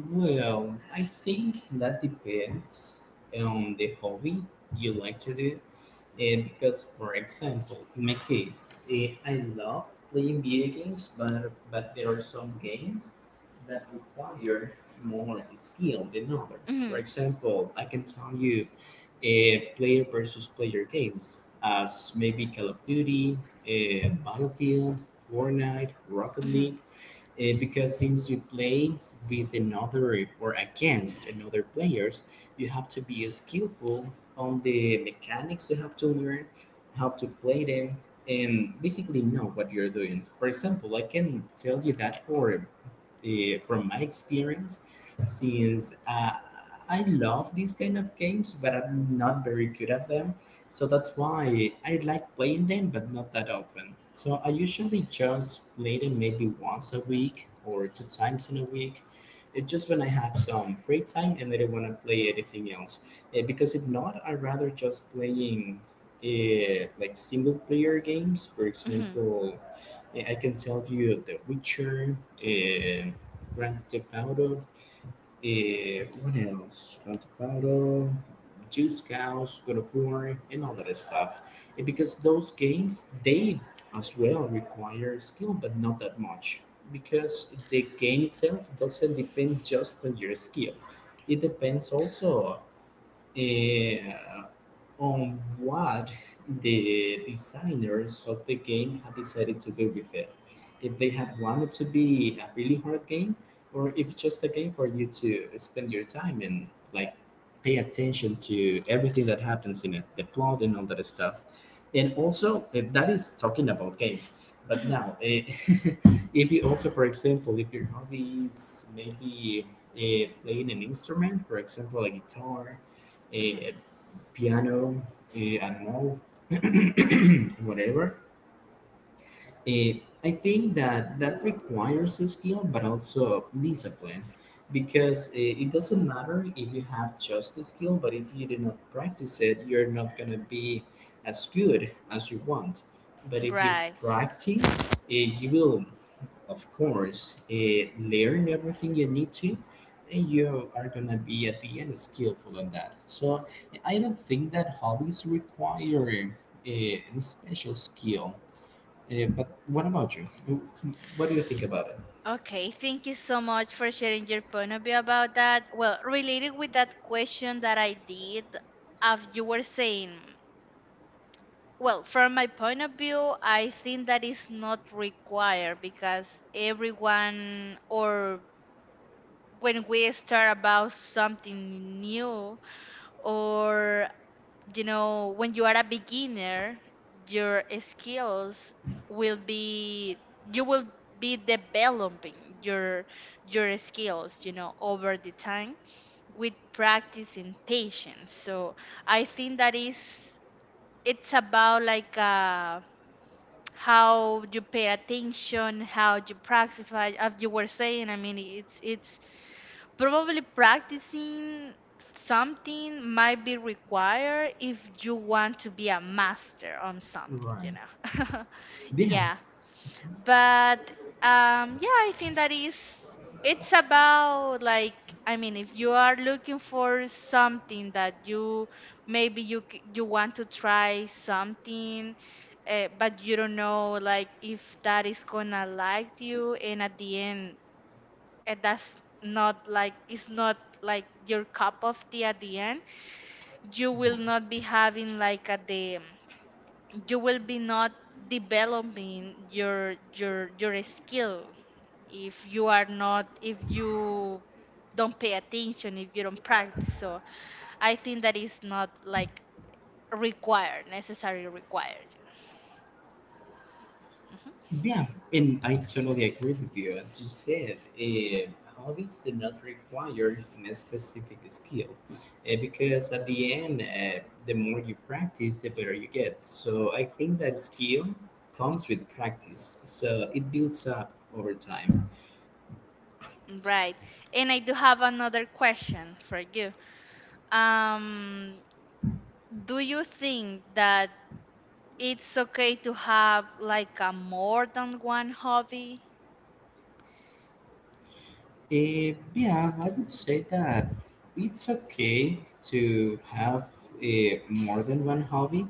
[SPEAKER 2] well, I think that depends on the hobby you like to do. Because, for example, in my case, I love playing video games, but there are some games that require more skill than others. For
[SPEAKER 1] hmm
[SPEAKER 2] example, I can tell you player versus player games, as maybe Call of Duty, Battlefield, Fortnite, Rocket
[SPEAKER 1] hmm
[SPEAKER 2] League. Because since you play with another or against another players, you have to be skillful on the mechanics. You have to learn how to play them and basically know what you're doing. For example, I can tell you that for uh, from my experience, since I love these kind of games, but I'm not very good at them. So that's why I like playing them, but not that often. So I usually just play them maybe once a week or two times in a week. It's just when I have some free time and I don't want to play anything else. Because if not, I rather just playing like single player games. For
[SPEAKER 1] hmm
[SPEAKER 2] example, I can tell you The Witcher, Grand Theft Auto, what else? Got battle, Juice Cows, God of War, and all that stuff. And because those games, they as well require skill, but not that much. Because the game itself doesn't depend just on your skill. It depends also uh, on what the designers of the game had decided to do with it. If they had wanted to be a really hard game, or if just a game for you to spend your time and like pay attention to everything that happens in it, the plot and all that stuff. And also, that is talking about games. But
[SPEAKER 1] hmm
[SPEAKER 2] now, if you also, for example, if your hobby is maybe playing an instrument, for example, a guitar,
[SPEAKER 1] hmm
[SPEAKER 2] eh, piano, I don't know, whatever. I think that that requires a skill, but also discipline, because it doesn't matter if you have just a skill, but if you do not practice it, you're not gonna be as good as you want. But if you
[SPEAKER 1] right.
[SPEAKER 2] practice, you will of course, learn everything you need to, and you are gonna be at the end skillful on that. So I don't think that hobbies require a special skill. Eh, but what about you? What do you think about it?
[SPEAKER 1] Okay, thank you so much for sharing your point of view about that. Well, related with that question that I did, as you were saying, well, from my point of view, I think that is not required, because everyone, or when we start about something new, or, you know, when you are a beginner, your skills will be, you will be developing your skills, you know, over the time with practice and patience. So I think that is, it's about like how you pay attention, how you practice, like as you were saying. I mean, it's probably practicing something might be required if you want to be a master on something, you
[SPEAKER 2] Right.
[SPEAKER 1] know.
[SPEAKER 2] Yeah,
[SPEAKER 1] yeah, but yeah, I think that is, it's about like, I mean, if you are looking for something that you, maybe you you want to try something but you don't know like if that is gonna like you. And at the end, and that's not like, it's not like your cup of tea at the end, you
[SPEAKER 2] right.
[SPEAKER 1] will not be having like at the, you will be not developing your skill if you are not, if you don't pay attention, if you don't practice. So I think that is not like required, necessarily required. Mhm.
[SPEAKER 2] Yeah, and I totally agree with you. As you said, hobbies do not require a specific skill because at the end, the more you practice, the better you get. So I think that skill comes with practice, so it builds up over time.
[SPEAKER 1] Right. And I do have another question for you. um do you think that it's okay to have like a more than one hobby?
[SPEAKER 2] Eh, yeah, I would say that it's okay to have more than one hobby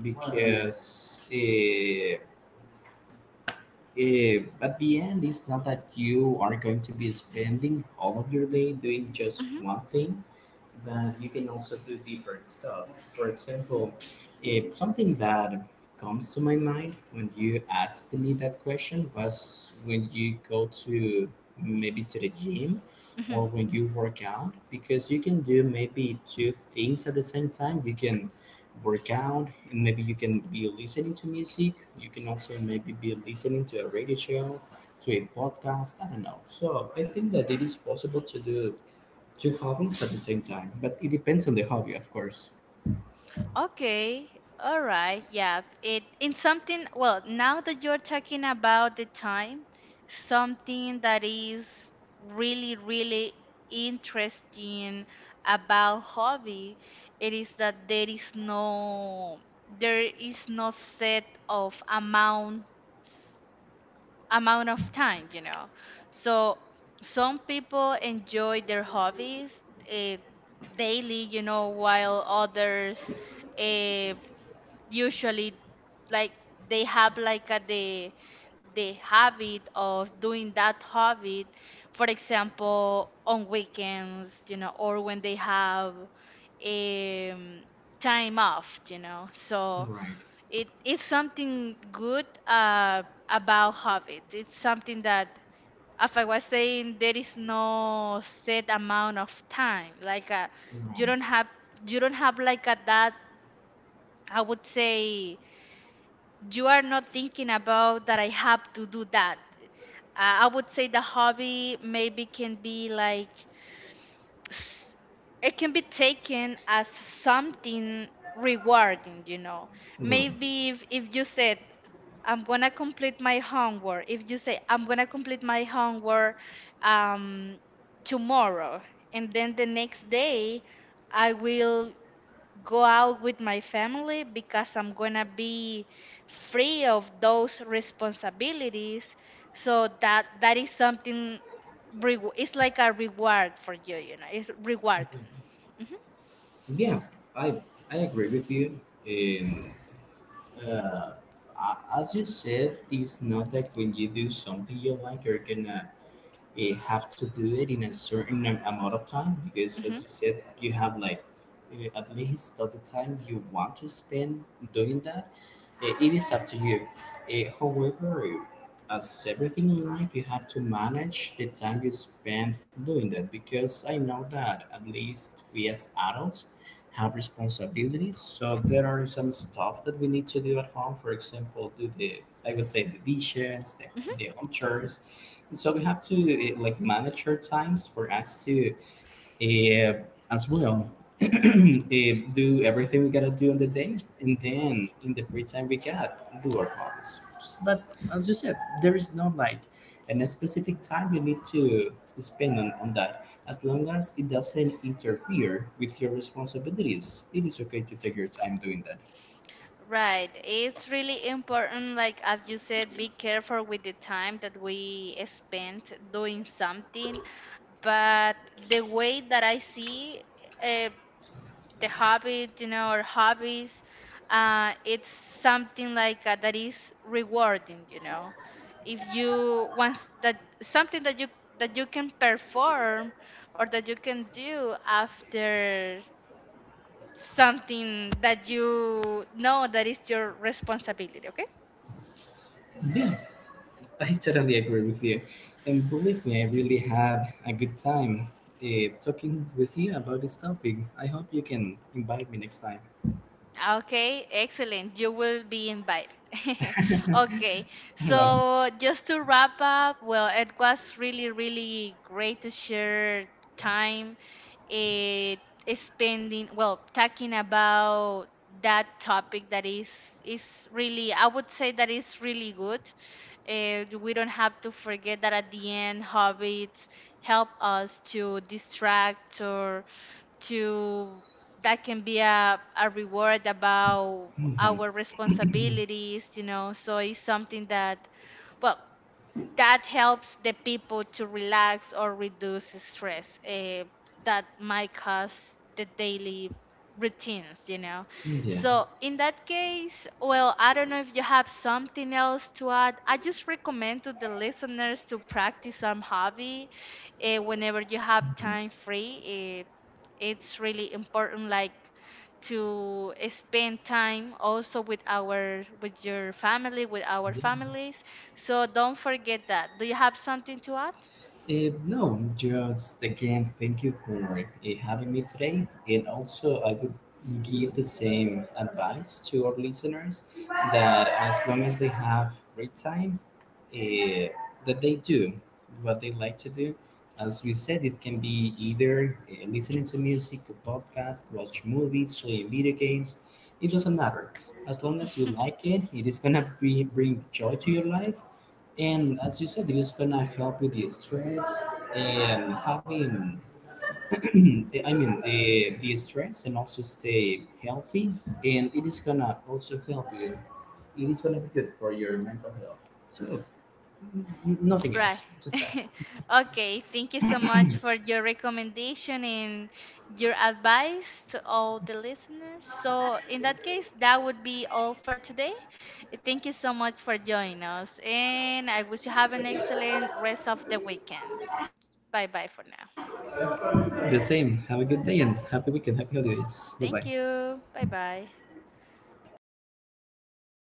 [SPEAKER 2] because at the end, it's not that you are going to be spending all of your day doing just
[SPEAKER 1] hmm
[SPEAKER 2] one thing, but you can also do different stuff. For example, if something that comes to my mind when you asked me that question was when you go to maybe to the gym, or
[SPEAKER 1] hmm
[SPEAKER 2] when you work out, because you can do maybe two things at the same time. You can work out and maybe you can be listening to music. You can also maybe be listening to a radio show, to a podcast. I don't know. So I think that it is possible to do two hobbies at the same time, but it depends on the hobby, of course.
[SPEAKER 1] Okay. All right. Yeah. It in something. Well, now that you're talking about the time, something that is really, really interesting about hobby, it is that there is no, there is no set of amount, amount of time, you know. So some people enjoy their hobbies uh, daily, you know, while others uh, usually like they have like a, the habit of doing that hobby, for example, on weekends, you know, or when they have um, time off, you know. So
[SPEAKER 2] Right,
[SPEAKER 1] it is something good about habits. It's something that, as I was saying, there is no set amount of time. Like, you
[SPEAKER 2] right,
[SPEAKER 1] don't have, you don't have like a that. I would say you are not thinking about that. I have to do that. I would say the hobby maybe can be like s- it can be taken as something rewarding, you know.
[SPEAKER 2] right.
[SPEAKER 1] Maybe if you said, I'm gonna complete my homework, if you say, I'm gonna complete my homework um, tomorrow, and then the next day, I will go out with my family because I'm gonna be free of those responsibilities. So that is something. It's like a reward for you, you know. It's reward. hmm
[SPEAKER 2] Yeah, I I agree with you. And uh, as you said, it's not that when you do something you like, you have to do it in a amount of time, because
[SPEAKER 1] hmm
[SPEAKER 2] as you said, you have like at least of the time you want to spend doing that. Eh, it is up to you. Eh, however, as everything in life, you have to manage the time you spend doing that, because I know that at least we as adults have responsibilities, so there are some stuff that we need to do at home. For example, do the, I would say, the dishes,
[SPEAKER 1] hmm
[SPEAKER 2] the home chores. So we have to like manage our times for us to uh, as well uh, do everything we gotta do in the day, and then in the free time we got do our hobbies. But as you said, there is no like a specific time you need to spend on that. As long as it doesn't interfere with your responsibilities, it is okay to take your time doing that.
[SPEAKER 1] Right. It's really important, like as you said, be careful with the time that we spend doing something. But the way that I see, uh, the habit, you know, or hobbies, it's something like that is rewarding, you know. If you want that, something that you, that you can perform or that you can do after something that you know that is your responsibility, okay?
[SPEAKER 2] Yeah. I totally agree with you. And believe me, I really had a good time talking with you about this topic. I hope you can invite me next time.
[SPEAKER 1] Okay, excellent. You will be invited. Okay,
[SPEAKER 2] All right.
[SPEAKER 1] so just to wrap up, well, it was really, really great to share time eh, spending, well, talking about that topic that is really, I would say that is really good. We don't have to forget that at the end, hobbies help us to distract or to, that can be a reward about
[SPEAKER 2] All right.
[SPEAKER 1] our responsibilities, you know. So it's something that, well, that helps the people to relax or reduce stress, that might cause the daily routines, you know.
[SPEAKER 2] Yeah.
[SPEAKER 1] So in that case, well, I don't know if you have something else to add. I just recommend to the listeners to practice some hobby, whenever you have time free. It's really important like to spend time also with our, with your family, with our
[SPEAKER 2] Yeah.
[SPEAKER 1] families, so don't forget that. Do you have something to add?
[SPEAKER 2] Eh, no, just again, thank you for having me today. And also, I would give the same advice to our listeners, that as long as they have free time, eh, that they do what they like to do. As we said, it can be either listening to music, to podcasts, watch movies, playing video games. It doesn't matter. As long as you like it is gonna be, bring joy to your life. And as you said, it is gonna help with the stress and having, I mean, the stress and also stay healthy. And it is gonna also help you. It is gonna be good for your mental health. So, nothing
[SPEAKER 1] Right.
[SPEAKER 2] else, just that.
[SPEAKER 1] Okay, thank you so much for your recommendation and your advice to all the listeners. So, in that case, that would be all for today. Thank you so much for joining us, and I wish you have an excellent rest of the weekend. Bye bye for now.
[SPEAKER 2] The same. Have a good day and happy weekend. Happy holidays. Bye bye.
[SPEAKER 1] Thank you. Bye bye.